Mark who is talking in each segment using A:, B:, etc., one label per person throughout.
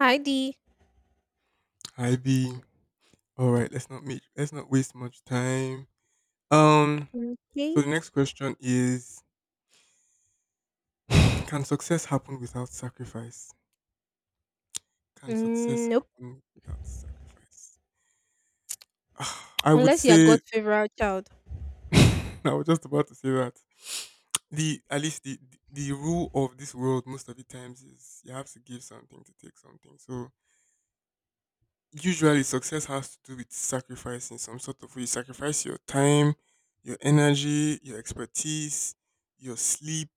A: Hi D.
B: Hi B. All right, let's not waste much time. Um, so
A: Okay.
B: the next question is: Can success happen without sacrifice? Can
A: Mm,
B: success
A: nope.
B: happen without sacrifice? Ah, I would
A: Unless you're
B: say
A: God's favorite child.
B: I was just about to say that the at least the rule of this world most of the times is you have to give something to take something. So usually success has to do with sacrifice in some sort of way. You sacrifice your time, your energy, your expertise, your sleep,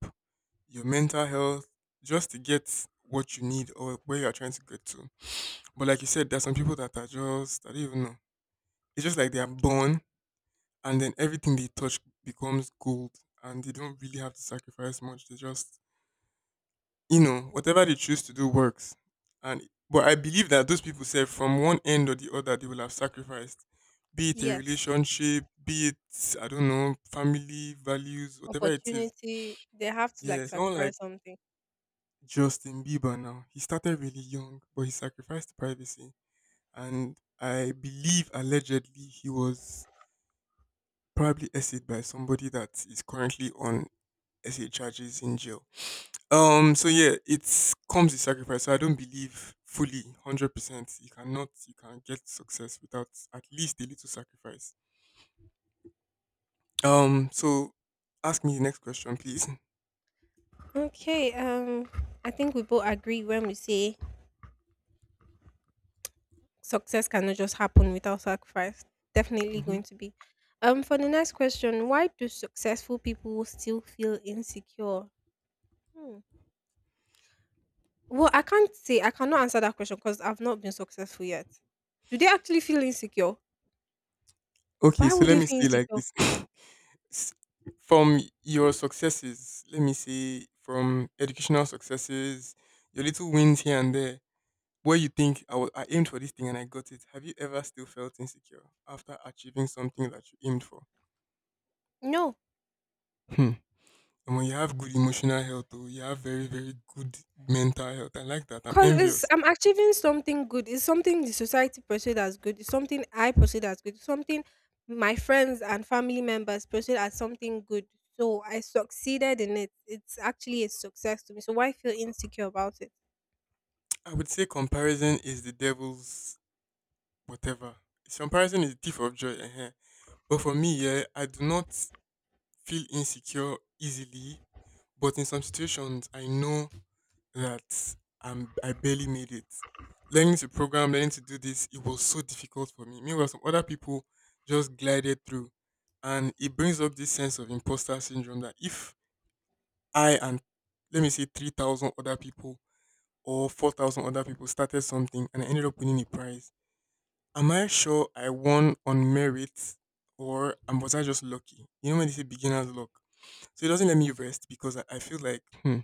B: your mental health, just to get what you need or where you are trying to get to. But like you said, there are some people that are just I don't even know. It's just like they are born and then everything they touch becomes gold and they don't really have to sacrifice much. They just whatever they choose to do works. And but I believe that those people said from one end or the other they will have sacrificed, be it a
A: Yes.
B: relationship, be it I don't know, family values, whatever it is.
A: Opportunity. They have to like
B: Yeah, someone like
A: sacrifice something.
B: Justin Bieber now. He started really young, but he sacrificed privacy. And I believe allegedly he was probably essayed by somebody that is currently on essay charges in jail. So yeah, it comes with sacrifice. So I don't believe fully, 100%. You cannot, you can get success without at least a little sacrifice. So, ask me the next question, please.
A: Okay. I think we both agree when we say success cannot just happen without sacrifice. Definitely
B: Hmm.
A: going to be. For the next question, why do successful people still feel insecure? Hmm. Well, I can't say I cannot answer that question because I've not been successful yet. Do they actually feel insecure?
B: Okay.
A: Why
B: So
A: would
B: let
A: they
B: me
A: feel
B: say like
A: insecure?
B: this: S- from your successes, let me say from educational successes, your little wins here and there. Where you think I aimed for this thing and I got it. Have you ever still felt insecure after achieving something that you aimed for?
A: No.
B: Hmm. And when you have good emotional health, though, you have very, very good mental health. I like that. I'm
A: Cause it's,
B: envious.
A: I'm achieving something good. It's something the society perceives as good. It's something I perceive as good. It's something my friends and family members perceive as something good. So I succeeded in it. It's actually a success to me. So why feel insecure about it?
B: I would say comparison is the devil's whatever. Comparison is the thief of joy. Eh-heh. But for me, yeah, I do not feel insecure easily. But in some situations, I know that I barely made it. Learning to program, learning to do this, it was so difficult for me. Meanwhile, some other people just glided through. And it brings up this sense of imposter syndrome that if I, and let me say 3,000 other people or 4,000 other people started something, and I ended up winning a prize. Am I sure I won on merit or am was I just lucky? You know when they say beginner's luck. So it doesn't let me rest because I feel like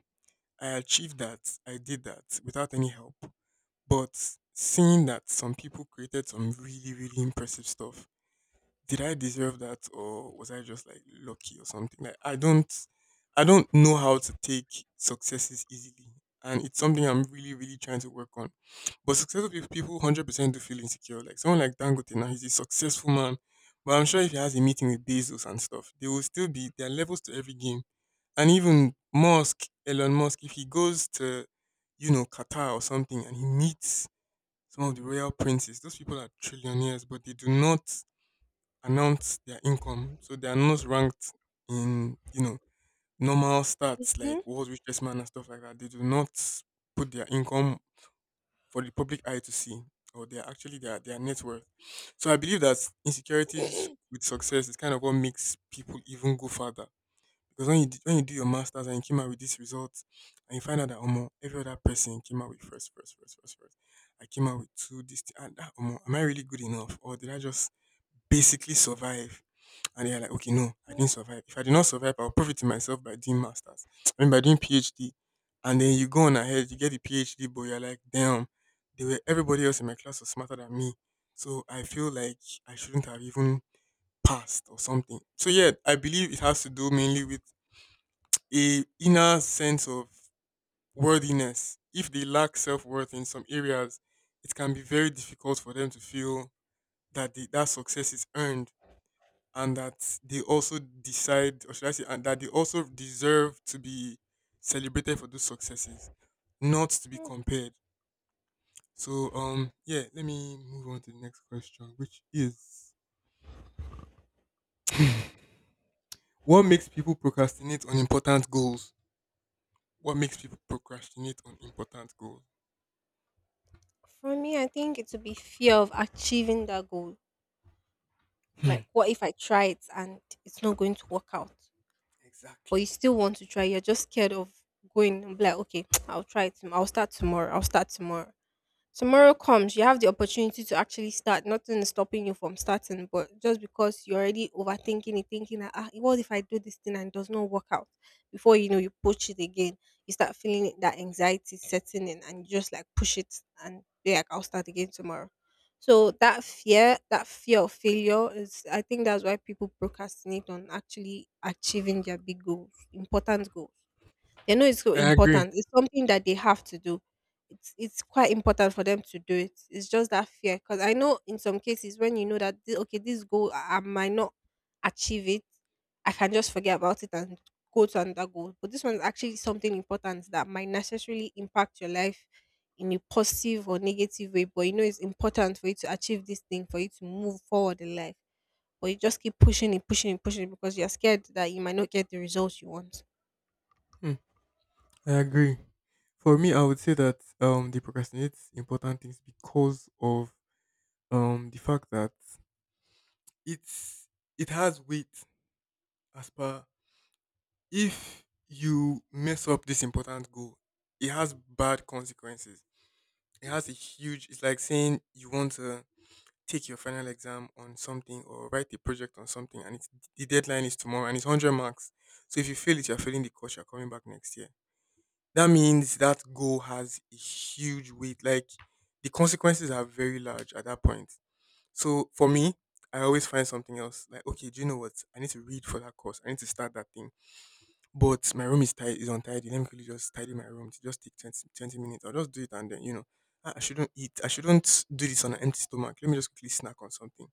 B: I achieved that, I did that without any help. But seeing that some people created some really, really impressive stuff, did I deserve that or was I just like lucky or something? Like I don't know how to take successes easily. And it's something I'm really, really trying to work on. But successful people 100% do feel insecure. Like someone like Dangote now, he's a successful man. But I'm sure if he has a meeting with Bezos and stuff, there will still be, there are levels to every game. And even Musk, Elon Musk, if he goes to Qatar or something and he meets some of the royal princes, those people are trillionaires, but they do not announce their income. So they are not ranked in, normal stats like
A: Hmm?
B: world's richest man and stuff like that. They do not put their income for the public eye to see, or they are actually their net worth. So I believe that insecurities with success is kind of what makes people even go further. Because when you do your masters and you came out with these results, and you find out that almost every other person came out with first, first, first, first, first. I came out with two. This, and that, omo, am I really good enough, or did I just basically survive? And you're like, okay, no, I
A: Hmm.
B: didn't survive. If I did not survive, I'll prove it to myself by doing masters. I mean by doing PhD. And then you go on ahead, you get the PhD, but you're like, damn, they were everybody else in my class was smarter than me. So I feel like I shouldn't have even passed or something. So yeah, I believe it has to do mainly with a inner sense of worthiness. If they lack self worth in some areas, it can be very difficult for them to feel that success is earned and that they also decide, or should I say, and that they also deserve to be celebrated for those successes, not to be compared. So, yeah, let me move on to the next question, which is: what makes people procrastinate on important goals? What makes people procrastinate on important goals?
A: For me, I think it would be fear of achieving that goal.
B: Hmm.
A: Like, what if I try it and it's not going to work out? But you
B: Exactly.
A: still want to try. You're just scared of going and be like, okay, I'll try it. I'll start tomorrow. I'll start tomorrow. Tomorrow comes, you have the opportunity to actually start. Nothing is stopping you from starting, but just because you're already overthinking it, thinking that what if I do this thing and it does not work out? Before you know, you push it again. You start feeling it- That anxiety setting in, and you just like push it and be like, I'll start again tomorrow. So that fear of failure is, I think that's why people procrastinate on actually achieving their big goals, important goals. They know it's so
B: I agree.
A: important. It's something that they have to do. It's quite important for them to do it. It's just that fear, because I know in some cases when you know that okay, this goal I might not achieve it, I can just forget about it and go to another goal. But this one is actually something important that might necessarily impact your life in a positive or negative way. But you know it's important for you to achieve this thing, for you to move forward in life, but you just keep pushing it, pushing it, pushing it because you're scared that you might not get the results you want.
B: Hmm, I agree. For me, I would say that they procrastinate important things because of, the fact that it's it has weight, as per if you mess up this important goal, it has bad consequences. It has a huge, it's like saying you want to take your final exam on something or write a project on something, the deadline is tomorrow and it's 100 marks. So if you fail it, you're failing the course, you're coming back next year. That means that goal has a huge weight. Like, the consequences are very large at that point. So for me, I always find something else. Like, okay, do you know what? I need to read for that course. I need to start that thing. But my room is tidy, is untidy. Let me quickly just tidy my room. It just take 20, twenty minutes. I'll just do it and then, I shouldn't eat. I shouldn't do this on an empty stomach. Let me just quickly snack on something.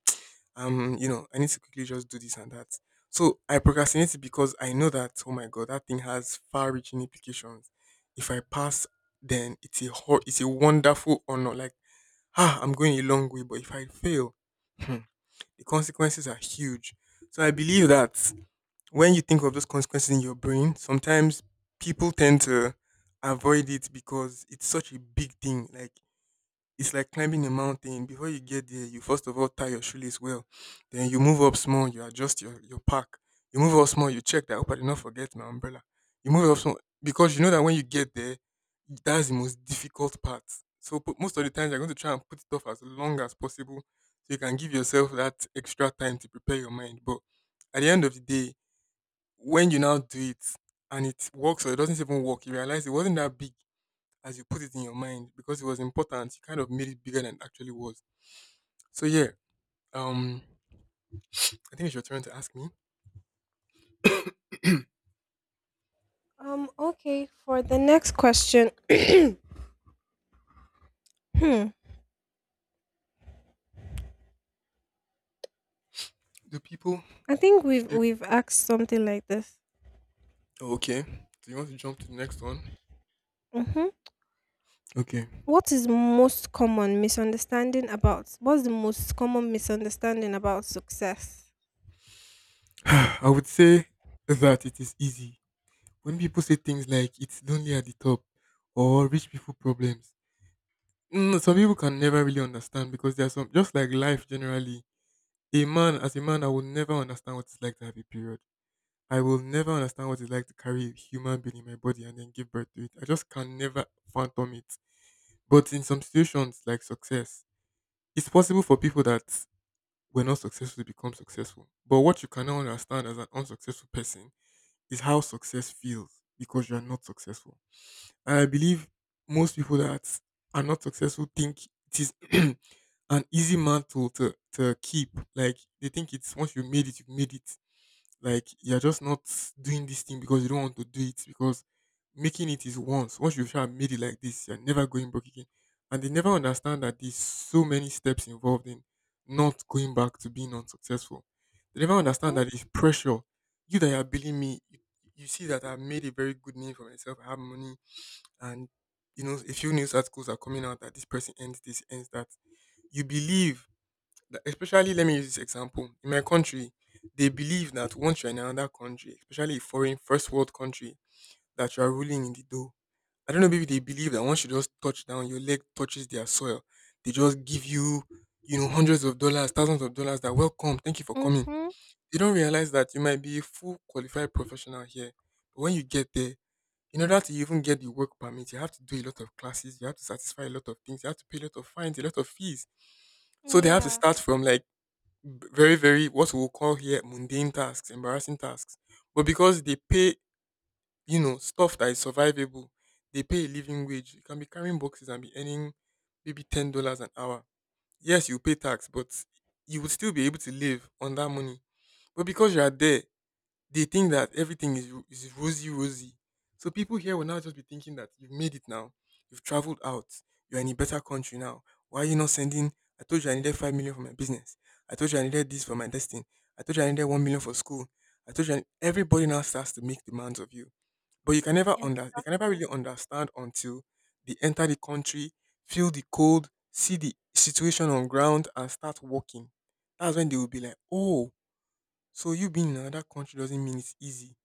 B: I need to quickly just do this and that. So I procrastinate it because I know that, oh my God, that thing has far reaching implications. If I pass, then it's a wonderful honor. Like, I'm going a long way. But if I fail, hmm, the consequences are huge. So I believe that when you think of those consequences in your brain, sometimes people tend to avoid it because it's such a big thing. Like, it's like climbing a mountain. Before you get there, you first of all tie your shoelace well. Then you move up small, you adjust your pack. You move up small, you check that, oh, I did not forget my umbrella. You move up small because you know that when you get there, that's the most difficult part. So most of the times you're going to try and put it off as long as possible so you can give yourself that extra time to prepare your mind. But at the end of the day, when you now do it and it works, or it doesn't even work, you realize it wasn't that big as you put it in your mind because it was important. You kind of made it bigger than it actually was. So yeah, um, I think it's your turn to ask me.
A: Okay. For the next question, hmm,
B: Do people?
A: I think we've asked something like this.
B: Oh, okay. Do you want to jump to the next one?
A: Mm-hmm.
B: Okay.
A: What is most common misunderstanding about? What's the most common misunderstanding about success?
B: I would say that it is easy when people say things like "it's lonely at the top" or "rich people problems." Some people can never really understand, because there are some, just like life generally. A man, as a man, I will never understand what it's like to have a period. I will never understand what it's like to carry a human being in my body and then give birth to it. I just can never phantom it. But in some situations, like success, it's possible for people that were not successful to become successful. But what you cannot understand as an unsuccessful person is how success feels, because you are not successful. And I believe most people that are not successful think it is an easy mantle to keep. Like, they think it's once you made it, you made it. Like, you're just not doing this thing because you don't want to do it, because making it is once. Once you've tried made it like this, you're never going back again. And they never understand that there's so many steps involved in not going back to being unsuccessful. They never understand
A: Mm-hmm.
B: that it's pressure. You that are billing me, you see that I've made a very good name for myself. I have money, and you know a few news articles are coming out that this person ends this, ends that. You believe like, especially let me use this example. In my country, they believe that once you're in another country, especially a foreign first world country, that you are ruling in the dough. I don't know, maybe they believe that once you just touch down, your leg touches their soil. They just give you, hundreds of dollars, thousands of dollars that welcome, thank you for coming.
A: Mm-hmm.
B: They don't realize that you might be a full qualified professional here. But when you get there, in order to even get the work permit, you have to do a lot of classes, you have to satisfy a lot of things, you have to pay a lot of fines, a lot of fees. So they have to
A: Yeah.
B: start from like very, very what we'll call here mundane tasks, embarrassing tasks. But because they pay, stuff that is survivable, they pay a living wage. You can be carrying boxes and be earning maybe $10 an hour. Yes, you pay tax, but you would still be able to live on that money. But because you are there, they think that everything is rosy rosy. So people here will now just be thinking that you've made it now, you've traveled out, you're in a better country now. Why are you not sending? I told you I needed 5 million for my business. I told you I needed this for my destiny. I told you I needed 1 million for school. I told you I- Everybody now starts to make demands of you, but you can never
A: Yeah,
B: under they can
A: exactly.
B: never really understand until they enter the country, feel the cold, see the situation on ground, and start working. That's when they will be like, oh, so you being in another country doesn't mean it's easy.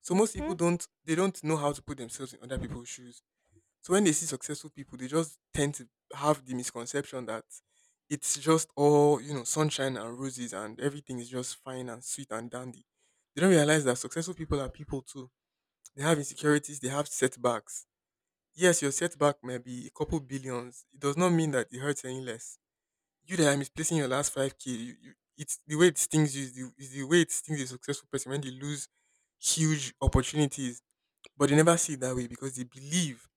B: So most people
A: Mm-hmm.
B: don't they don't know how to put themselves in other people's shoes. So when they see successful people, they just tend to have the misconception that it's just all, sunshine and roses and everything is just fine and sweet and dandy. They don't realize that successful people are people too. They have insecurities, they have setbacks. Yes, your setback may be a couple billions. It does not mean that it hurts any less. You that are misplacing your last 5k, it's the way it stings you is the way it stings a successful person when they lose huge opportunities, but they never see it that way because they believe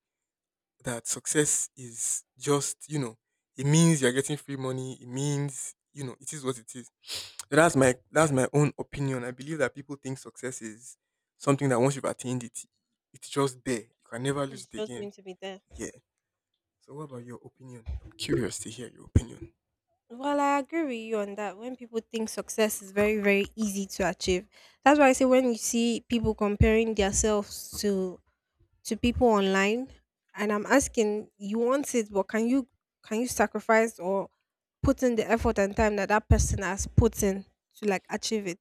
B: that success is just, it means you're getting free money. It means, it is what it is. So that's my own opinion. I believe that people think success is something that once you've attained it, it's just there. You can never lose
A: It's
B: it
A: just
B: again.
A: going to be there.
B: Yeah. So what about your opinion? I'm curious to hear your opinion.
A: Well, I agree with you on that. When people think success is very, very easy to achieve, that's why I say when you see people comparing themselves to people online, and I'm asking, you want it, but can you sacrifice or put in the effort and time that that person has put in to like achieve it?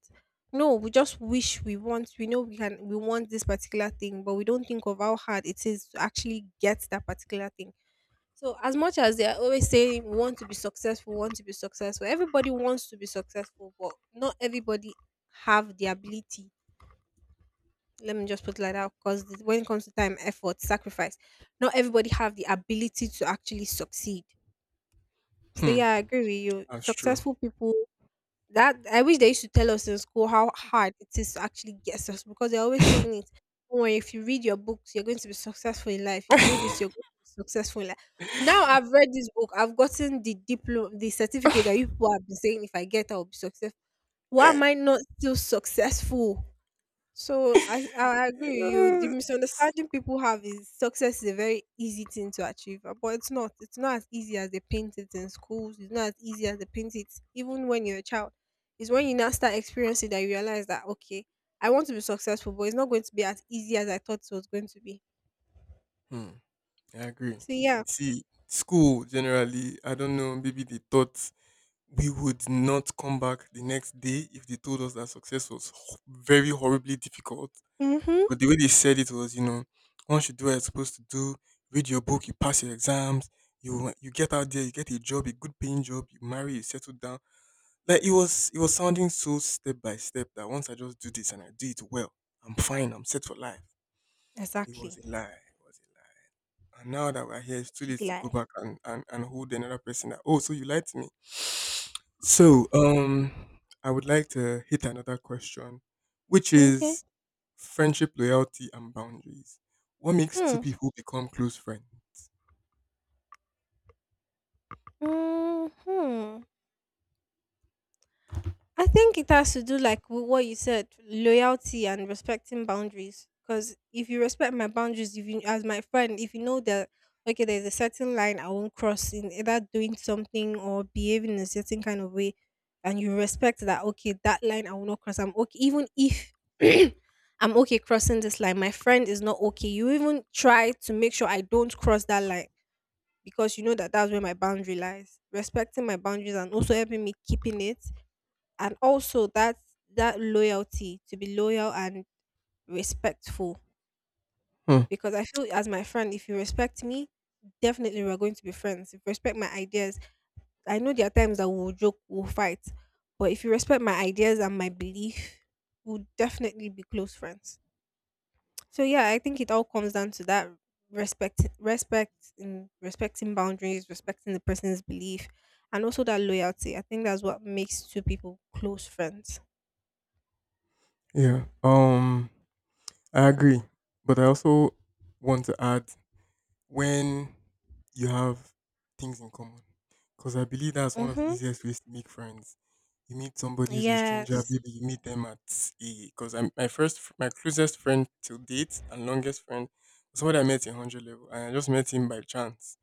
A: No, we just wish, we want. We know we can. We want this particular thing, but we don't think of how hard it is to actually get that particular thing, so as much as they are always saying we want to be successful, want to be successful, everybody wants to be successful, but not everybody have the ability. Let me just put it like that, because when it comes to time, effort, sacrifice, not everybody have the ability to actually succeed. So
B: Hmm.
A: yeah, I agree with you.
B: That's true.
A: Successful people, that I wish they used to tell us in school how hard it is to actually get us because they're always saying it. Or if you read your books, you're going to be successful in life. You do this, you're going to be successful in life. Now I've read this book, I've gotten the diploma, the certificate that you people have been saying if I get, I'll be successful. Why am I not still successful? So I agree with you. The misunderstanding people have is success is a very easy thing to achieve, but it's not. It's not as easy as they paint it in schools. It's not as easy as they paint it even when you're a child. It's when you now start experiencing that you realize that okay, I want to be successful, but it's not going to be as easy as I thought it was going to be.
B: Hmm, I agree.
A: So yeah.
B: See, school generally, I don't know, maybe they thought we would not come back the next day if they told us that success was very horribly difficult.
A: Mhm.
B: But the way they said it was, once you do what you're supposed to do, read your book, you pass your exams, you get out there, you get a job, a good paying job, you marry, you settle down. It was sounding so step by step that once I just do this and I do it well, I'm fine, I'm set for life. It was
A: Exactly.
B: a lie. It was a and now that we're here, it's too late
A: Giggle
B: to go
A: eye.
B: back and, hold another person that, oh, so you lied to me. So, I would like to hit another question, which
A: Okay.
B: is friendship, loyalty, and boundaries. What makes two
A: Hmm.
B: people become close friends?
A: Hmm. I think it has to do like with what you said, loyalty and respecting boundaries. Because if you respect my boundaries, if you as my friend, if you know that okay, there's a certain line I won't cross in either doing something or behaving in a certain kind of way, and you respect that okay, that line I will not cross. I'm okay, even if I'm okay crossing this line, my friend is not okay. You even try to make sure I don't cross that line because you know that that's where my boundary lies. Respecting my boundaries and also helping me keeping it, and also that that loyalty, to be loyal and respectful,
B: Hmm.
A: because I feel as my friend, if you respect me, definitely we're going to be friends. If you respect my ideas, I know there are times that we'll joke, we'll fight, but if you respect my ideas and my belief, we'll definitely be close friends. So yeah, I think it all comes down to that, respect, respect in respecting boundaries, respecting the person's belief, and also that loyalty. I think that's what makes two people close friends.
B: Yeah. I agree, but I also want to add when you have things in common. Because I believe that's one of the
A: Hmm.
B: easiest ways to make friends. You meet somebody who's a stranger,
A: Yes.
B: maybe you meet them at a. Because I'm my my closest friend till date and longest friend was somebody I met in 100 level. And I just met him by chance.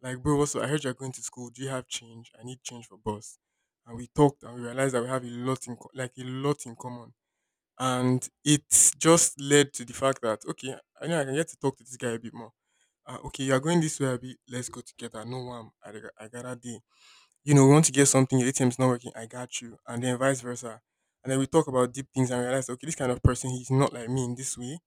B: Like, bro, also, I heard you're going to school. Do you have change? I need change for bus. And we talked and we realized that we have a lot a lot in common. And it just led to the fact that, okay, I know I can get to talk to this guy a bit more. Okay, you're going this way a bit. Let's go together. No one. I got a we want to get something, your ATM is not working, I got you. And then vice versa. And then we talk about deep things and realize, okay, this kind of person, he's not like me in this way.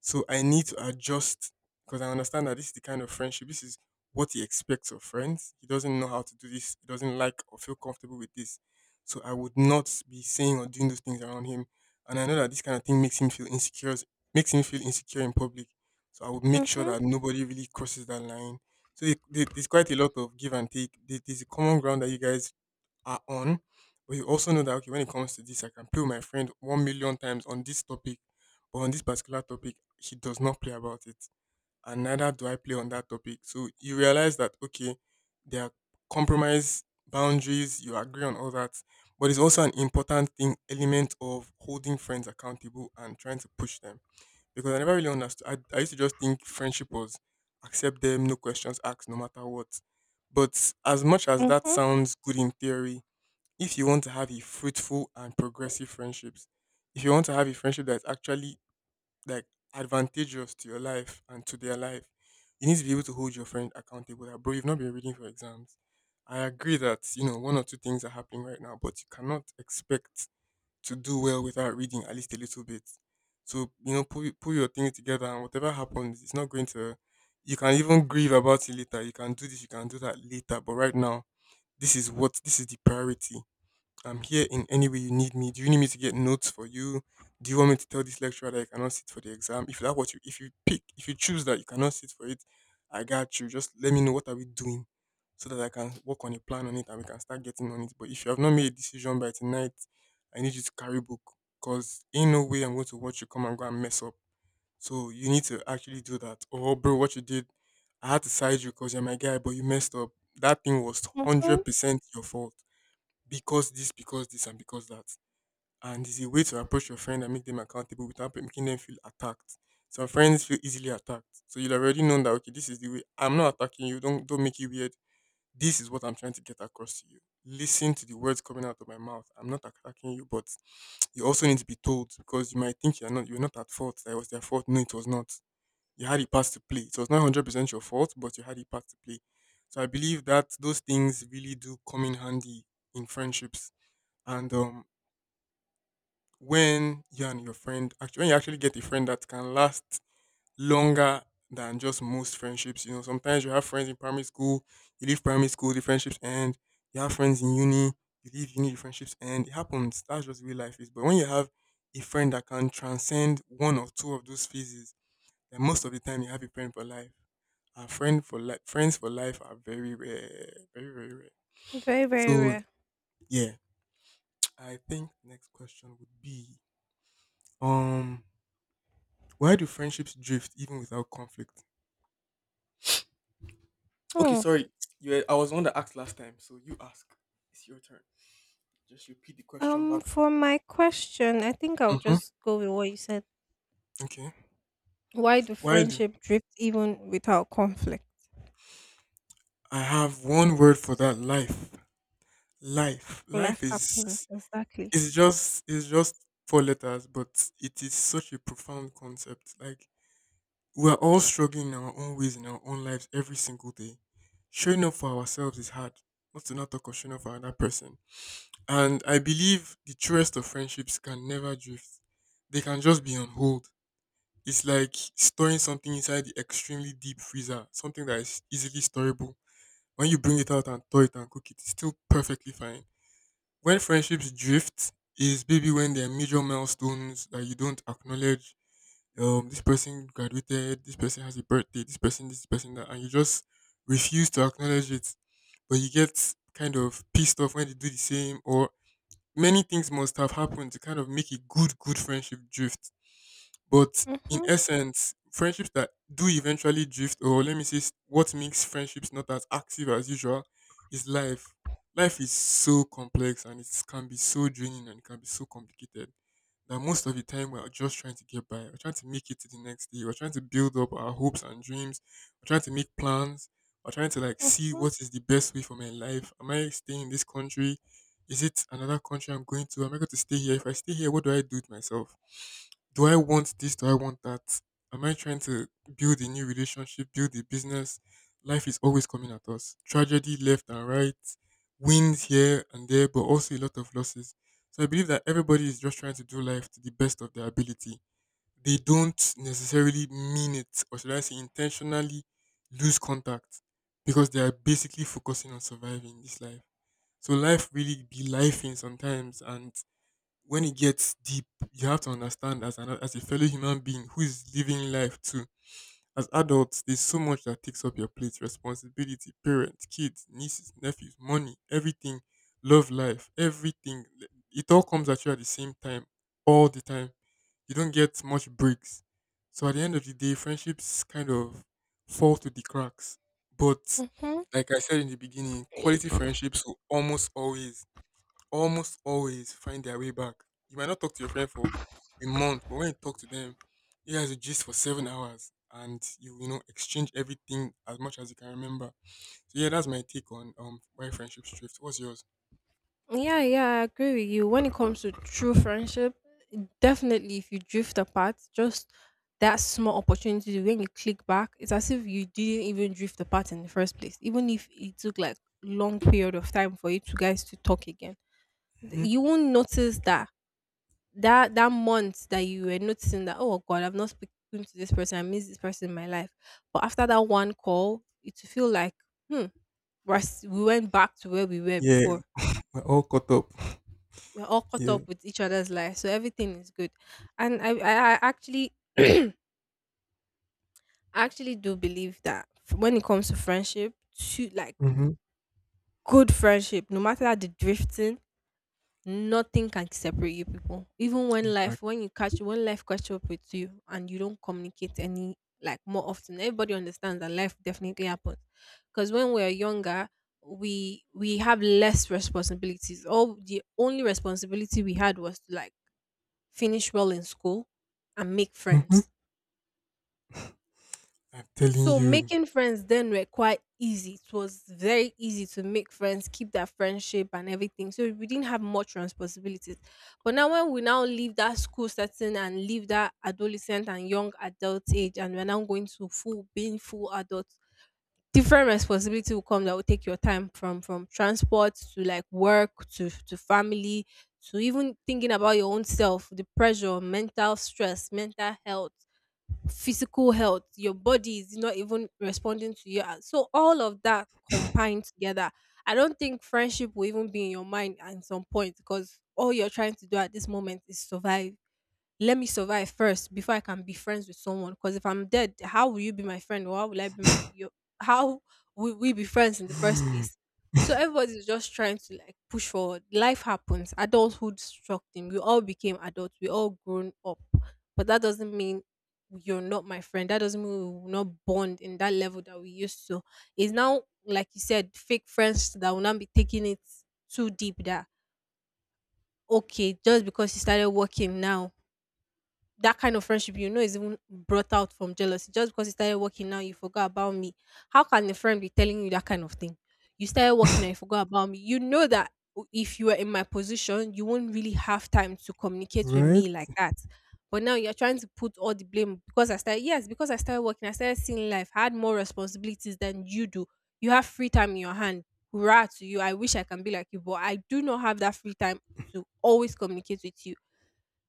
B: So I need to adjust because I understand that this is the kind of friendship, this is what he expects of friends. He doesn't know how to do this, he doesn't like or feel comfortable with this. So I would not be saying or doing those things around him. And I know that this kind of thing makes him feel insecure, makes him feel insecure in public. So I would make sure
A: Mhm.
B: that nobody really crosses that line. So there's quite a lot of give and take. There's a common ground that you guys are on, but you also know that okay, when it comes to this, I can play with my friend 1 million times on this topic, but on this particular topic, he does not play about it, and neither do I play on that topic. So you realize that okay, there are compromise boundaries. You agree on all that, but it's also an important thing element of holding friends accountable and trying to push them because I never really understood. I used to just think friendship was accept them, no questions asked, no matter what. But as much as that
A: Mhm.
B: sounds good in theory, if you want to have a fruitful and progressive friendships, if you want to have a friendship that's actually like advantageous to your life and to their life, you need to be able to hold your friend accountable. That bro, you've not been reading for exams. I agree that you know one or two things are happening right now, but you cannot expect to do well without reading at least a little bit. So, pull your things together and whatever happens, it's not going to, you can even grieve about it later. You can do this, you can do that later. But right now, this is the priority. I'm here in any way you need me. Do you need me to get notes for you? Do you want me to tell this lecturer that I cannot sit for the exam? If you pick, if you choose that you cannot sit for it, I got you. Just let me know what are we doing so that I can work on a plan on it and we can start getting on it. But if you have not made a decision by tonight, I need you to carry book. Cause ain't no way I'm going to watch you come and go and mess up. So you need to actually do that. Oh bro, what you did, I had to side you because you're my guy, but you messed up. That thing was
A: Mhm.
B: 100% your fault because this, and because that. And it's a way to approach your friend and make them accountable without making them feel attacked. Some friends feel easily attacked, so you'll already know that okay, this is the way. I'm not attacking you. Don't make it weird. This is what I'm trying to get across to you. Listen to the words coming out of my mouth. I'm not attacking you, but you also need to be told because you might think you're not at fault. That it was their fault. No, it was not. You had a part to play. It was not 100% your fault, but you had a part to play. So I believe that those things really do come in handy in friendships and when you actually get a friend that can last longer than just most friendships, you know, sometimes you have friends in primary school, you leave primary school, the friendships end. You have friends in uni, you leave uni, the friendships end. It happens. That's just the way life is. But when you have a friend that can transcend one or two of those phases, then most of the time you have a friend for life. And friends for life are very rare, very very rare.
A: Very, very
B: So
A: rare.
B: yeah, I think next question would be um Why do friendships drift even without conflict? Okay,
A: Hmm.
B: sorry. I was the one that asked last time, so you ask. It's your turn. Just repeat the question back.
A: For my question, I think I'll
B: Mm-hmm.
A: just go with what you said.
B: Okay.
A: Why do
B: Why do
A: friendship drift even without conflict?
B: I have one word for that? Life. Life.
A: Life
B: Life is
A: happens. Exactly.
B: is just is just four letters, but it is such a profound concept. Like, we are all struggling in our own ways in our own lives every single day. Showing up for ourselves is hard. Not to not talk of showing up for another person. And I believe the truest of friendships can never drift. They can just be on hold. It's like storing something inside the extremely deep freezer, something that is easily storable. When you bring it out and thaw it and cook it, it's still perfectly fine. When friendships drift, is maybe when there are major milestones that you don't acknowledge. This person graduated, this person has a birthday, this person, that, and you just refuse to acknowledge it. But you get kind of pissed off when they do the same, or many things must have happened to kind of make a good, good friendship drift. But in
A: Mhm.
B: essence, friendships that do eventually drift, or let me say, what makes friendships not as active as usual is life. Life is so complex, and it can be so draining, and it can be so complicated that most of the time we're just trying to get by. We're trying to make it to the next day. We're trying to build up our hopes and dreams. We're trying to make plans. We're trying to, like, see
A: Mhm.
B: what is the best way for my life. Am I staying in this country? Is it another country I'm going to? Am I going to stay here? If I stay here, what do I do with myself? Do I want this? Do I want that? Am I trying to build a new relationship, build a business? Life is always coming at us. Tragedy left and right, wins here and there, but also a lot of losses. So I believe that everybody is just trying to do life to the best of their ability. They don't necessarily mean it, or should I say, intentionally lose contact because they are basically focusing on surviving this life. So life really be lifing sometimes, and when it gets deep, you have to understand as a fellow human being who is living life too. As adults, there's so much that takes up your plate: responsibility, parents, kids, nieces, nephews, money, everything, love life, everything. It all comes at you at the same time, all the time. You don't get much breaks. So at the end of the day, friendships kind of fall to the cracks. But
A: Mhm.
B: like I said in the beginning, quality friendships will almost always, almost always find their way back. You might not talk to your friend for a month, but when you talk to them, you guys will gist for 7 hours and you know exchange everything as much as you can remember. So yeah, that's my take on why friendships drift. What's yours?
A: Yeah, yeah, I agree with you. When it comes to true friendship, definitely if you drift apart, just that small opportunity when you click back, it's as if you didn't even drift apart in the first place. Even if it took like long period of time for you two guys to talk again,
B: Hmm.
A: you won't notice that that month that you were noticing that oh god, I've not spoken to this person, I miss this person in my life. But after that one call, it will feel like hmm, we went back to where we were
B: Yeah,
A: before,
B: we're all caught up.
A: we're all caught
B: Yeah.
A: up with each other's lives, so everything is good. And I actually, I actually do believe that when it comes to friendship, to like
B: Mm-hmm.
A: good friendship, no matter the drifting, nothing can separate you people. Even when life,
B: Exactly.
A: when you catch, when life catch up with you, and you don't communicate any like more often, everybody understands that life definitely happens. Because when we're younger. We have less responsibilities. All the only responsibility we had was to like finish well in school, and make
B: Mm-hmm.
A: friends.
B: I'm telling
A: So
B: you.
A: making friends then were quite easy. It was very easy to make friends, keep that friendship and everything. So we didn't have much responsibilities. But now when we now leave that school setting and leave that adolescent and young adult age and we're now going to full being full adults, different responsibility will come that will take your time, from transport to like work to family, to even thinking about your own self, the pressure, mental stress, mental health, physical health, your body is not even responding to you. And so all of that combined together, I don't think friendship will even be in your mind at some point because all you're trying to do at this moment is survive. Let me survive first before I can be friends with someone. Because if I'm dead, how will you be my friend? Or how will I be how will we be friends in the first place? So everybody's just trying to like push forward. Life happens. Adulthood struck them. We all became adults. We all grown up. But that doesn't mean you're not my friend. That doesn't mean we will not bond in that level that we used to. It's now like you said, fake friends that will not be taking it too deep. That. Okay, just because you started working now, that kind of friendship is even brought out from jealousy. Just because you started working now, you forgot about me. How can a friend be telling you that kind of thing? You started working and you forgot about me. If you were in my position, you won't really have time to communicate with
B: Right?
A: me like that. But now you're trying to put all the blame because I started. Yes, because I started working, I started seeing life. I had more responsibilities than you do. You have free time in your hand. Hurrah to you. I wish I can be like you, but I do not have that free time to always communicate with you.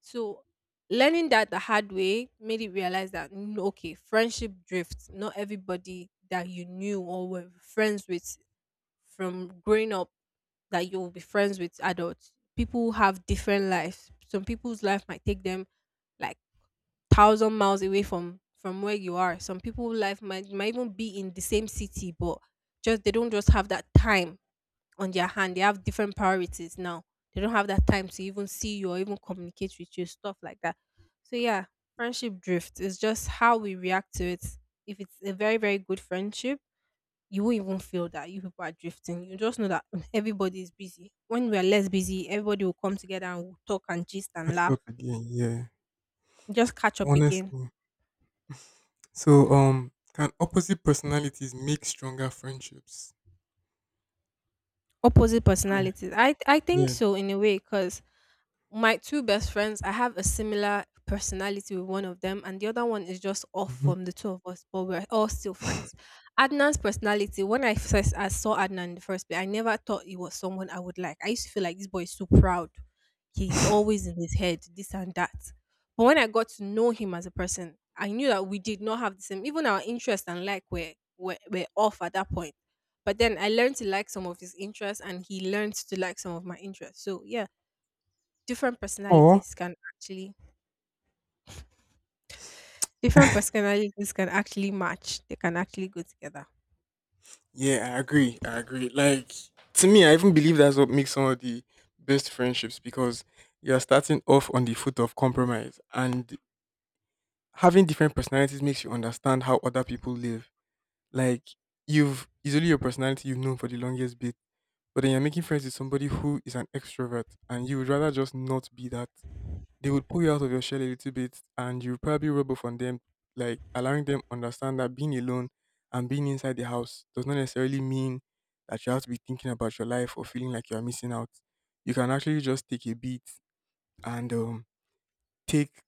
A: So, learning that the hard way made it realize that, okay, friendship drifts. Not everybody that you knew or were friends with from growing up that you'll be friends with adults. People have different lives. Some people's life might take them, like, 1,000 miles away from where you are. Some people's life might even be in the same city, but just they don't just have that time on their hand. They have different priorities now. They don't have that time to even see you or even communicate with you, stuff like that. So yeah, friendship drift is just how we react to it. If it's a very, very good friendship, you won't even feel that you people are drifting. You just know that everybody is busy. When we are less busy, everybody will come together and we'll talk and gist and
B: Catch
A: laugh.
B: up again. Yeah.
A: Just catch up again.
B: Honestly. So can opposite personalities make stronger friendships?
A: Opposite
B: I,
A: personalities. I think
B: yeah.
A: so, in a way, because my two best friends, I have a similar personality with one of them, and the other one is just off
B: Hmm.
A: from the two of us, but we're all still friends. Adnan's personality, when I first I saw Adnan in the first place, I never thought he was someone I would like. I used to feel like this boy is so proud. He's always in his head, this and that. But when I got to know him as a person, I knew that we did not have the same, even our interest and like were off at that point. But then I learned to like some of his interests, and he learned to like some of my interests. So, yeah, different
B: Or
A: personalities can actually different personalities can actually match. They can actually go together.
B: Yeah, I agree. I agree. Like, to me, I even believe that's what makes some of the best friendships, because you're starting off on the foot of compromise and having different personalities makes you understand how other people live. Like, you've it's only your personality you've known for the longest bit, but then you're making friends with somebody who is an extrovert and you would rather just not be that. They would pull you out of your shell a little bit, and you probably rub off on them, like allowing them understand that being alone and being inside the house does not necessarily mean that you have to be thinking about your life or feeling like you're missing out. You can actually just take a beat and take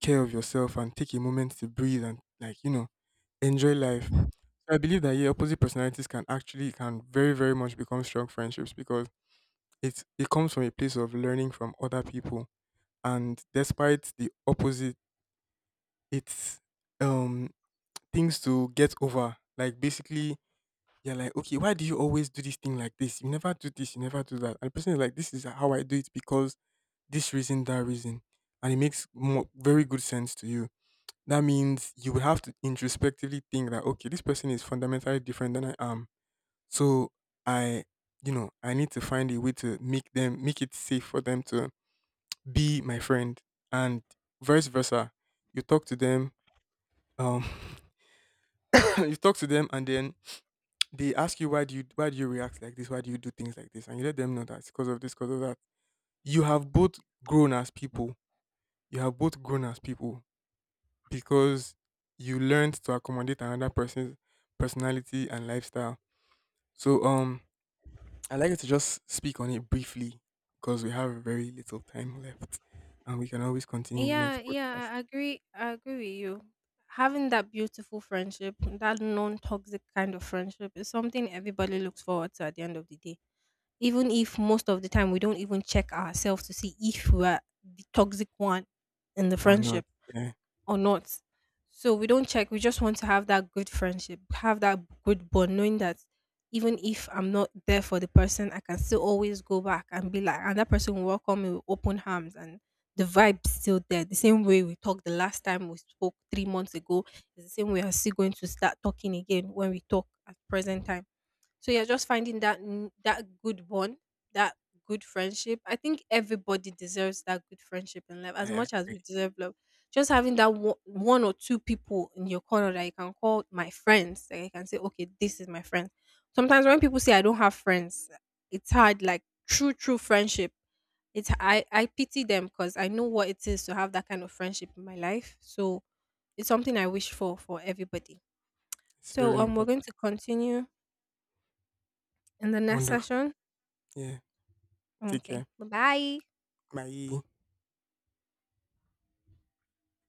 B: care of yourself and take a moment to breathe and, like, you know, enjoy life. So I believe that yeah, opposite personalities can actually, can very, very much become strong friendships because it comes from a place of learning from other people. And despite the opposite. It's, um, things to get over. Like, basically, you're like, "Okay, why do you always do this thing like this? You never do this, you never do that." And the person is like, "This is how I do it because this reason, that reason." And it makes more very good sense to you. That means you will have to introspectively think that, "Okay, this person is fundamentally different than I am. So I, I need to find a way to make them, make it safe for them to be my friend." And vice versa. You talk to them, um you talk to them, and then they ask you, why do you react like this? Why do you do things like this? And you let them know that it's because of this, because of that. You have both grown as people. You have both grown as people because you learned to accommodate another person's personality and lifestyle. So I'd like you to just speak on it briefly because we have very little time left, and we can always continue in the next
A: Yeah,
B: podcast
A: yeah, I agree. I agree with you. Having that beautiful friendship, that non toxic kind of friendship, is something everybody looks forward to at the end of the day. Even if most of the time we don't even check ourselves to see if we're the toxic one in the
B: or not.
A: friendship
B: Yeah,
A: or not. So we don't check. We just want to have that good friendship, have that good bond, knowing that even if I'm not there for the person, I can still always go back and be like, and that person will welcome me with open arms, and the vibe's still there. The same way we talked the last time we spoke 3 months ago, is the same way I'm still going to start talking again when we talk at present time. So you're just finding that that good one, that good friendship. I think everybody deserves that good friendship in life
B: I
A: as much as
B: agree.
A: we deserve love. Just having that one or two people in your corner that you can call my friends, that you can say, okay, this is my friend. Sometimes when people say I don't have friends, it's hard. Like true, true friendship. It's I pity them because I know what it is to have that kind of friendship in my life. So it's something I wish for everybody.
B: It's
A: So
B: very
A: we're
B: important.
A: going to continue in the next
B: Wonderful.
A: session.
B: Yeah. Take
A: Okay.
B: care.
A: Bye-bye.
B: Bye.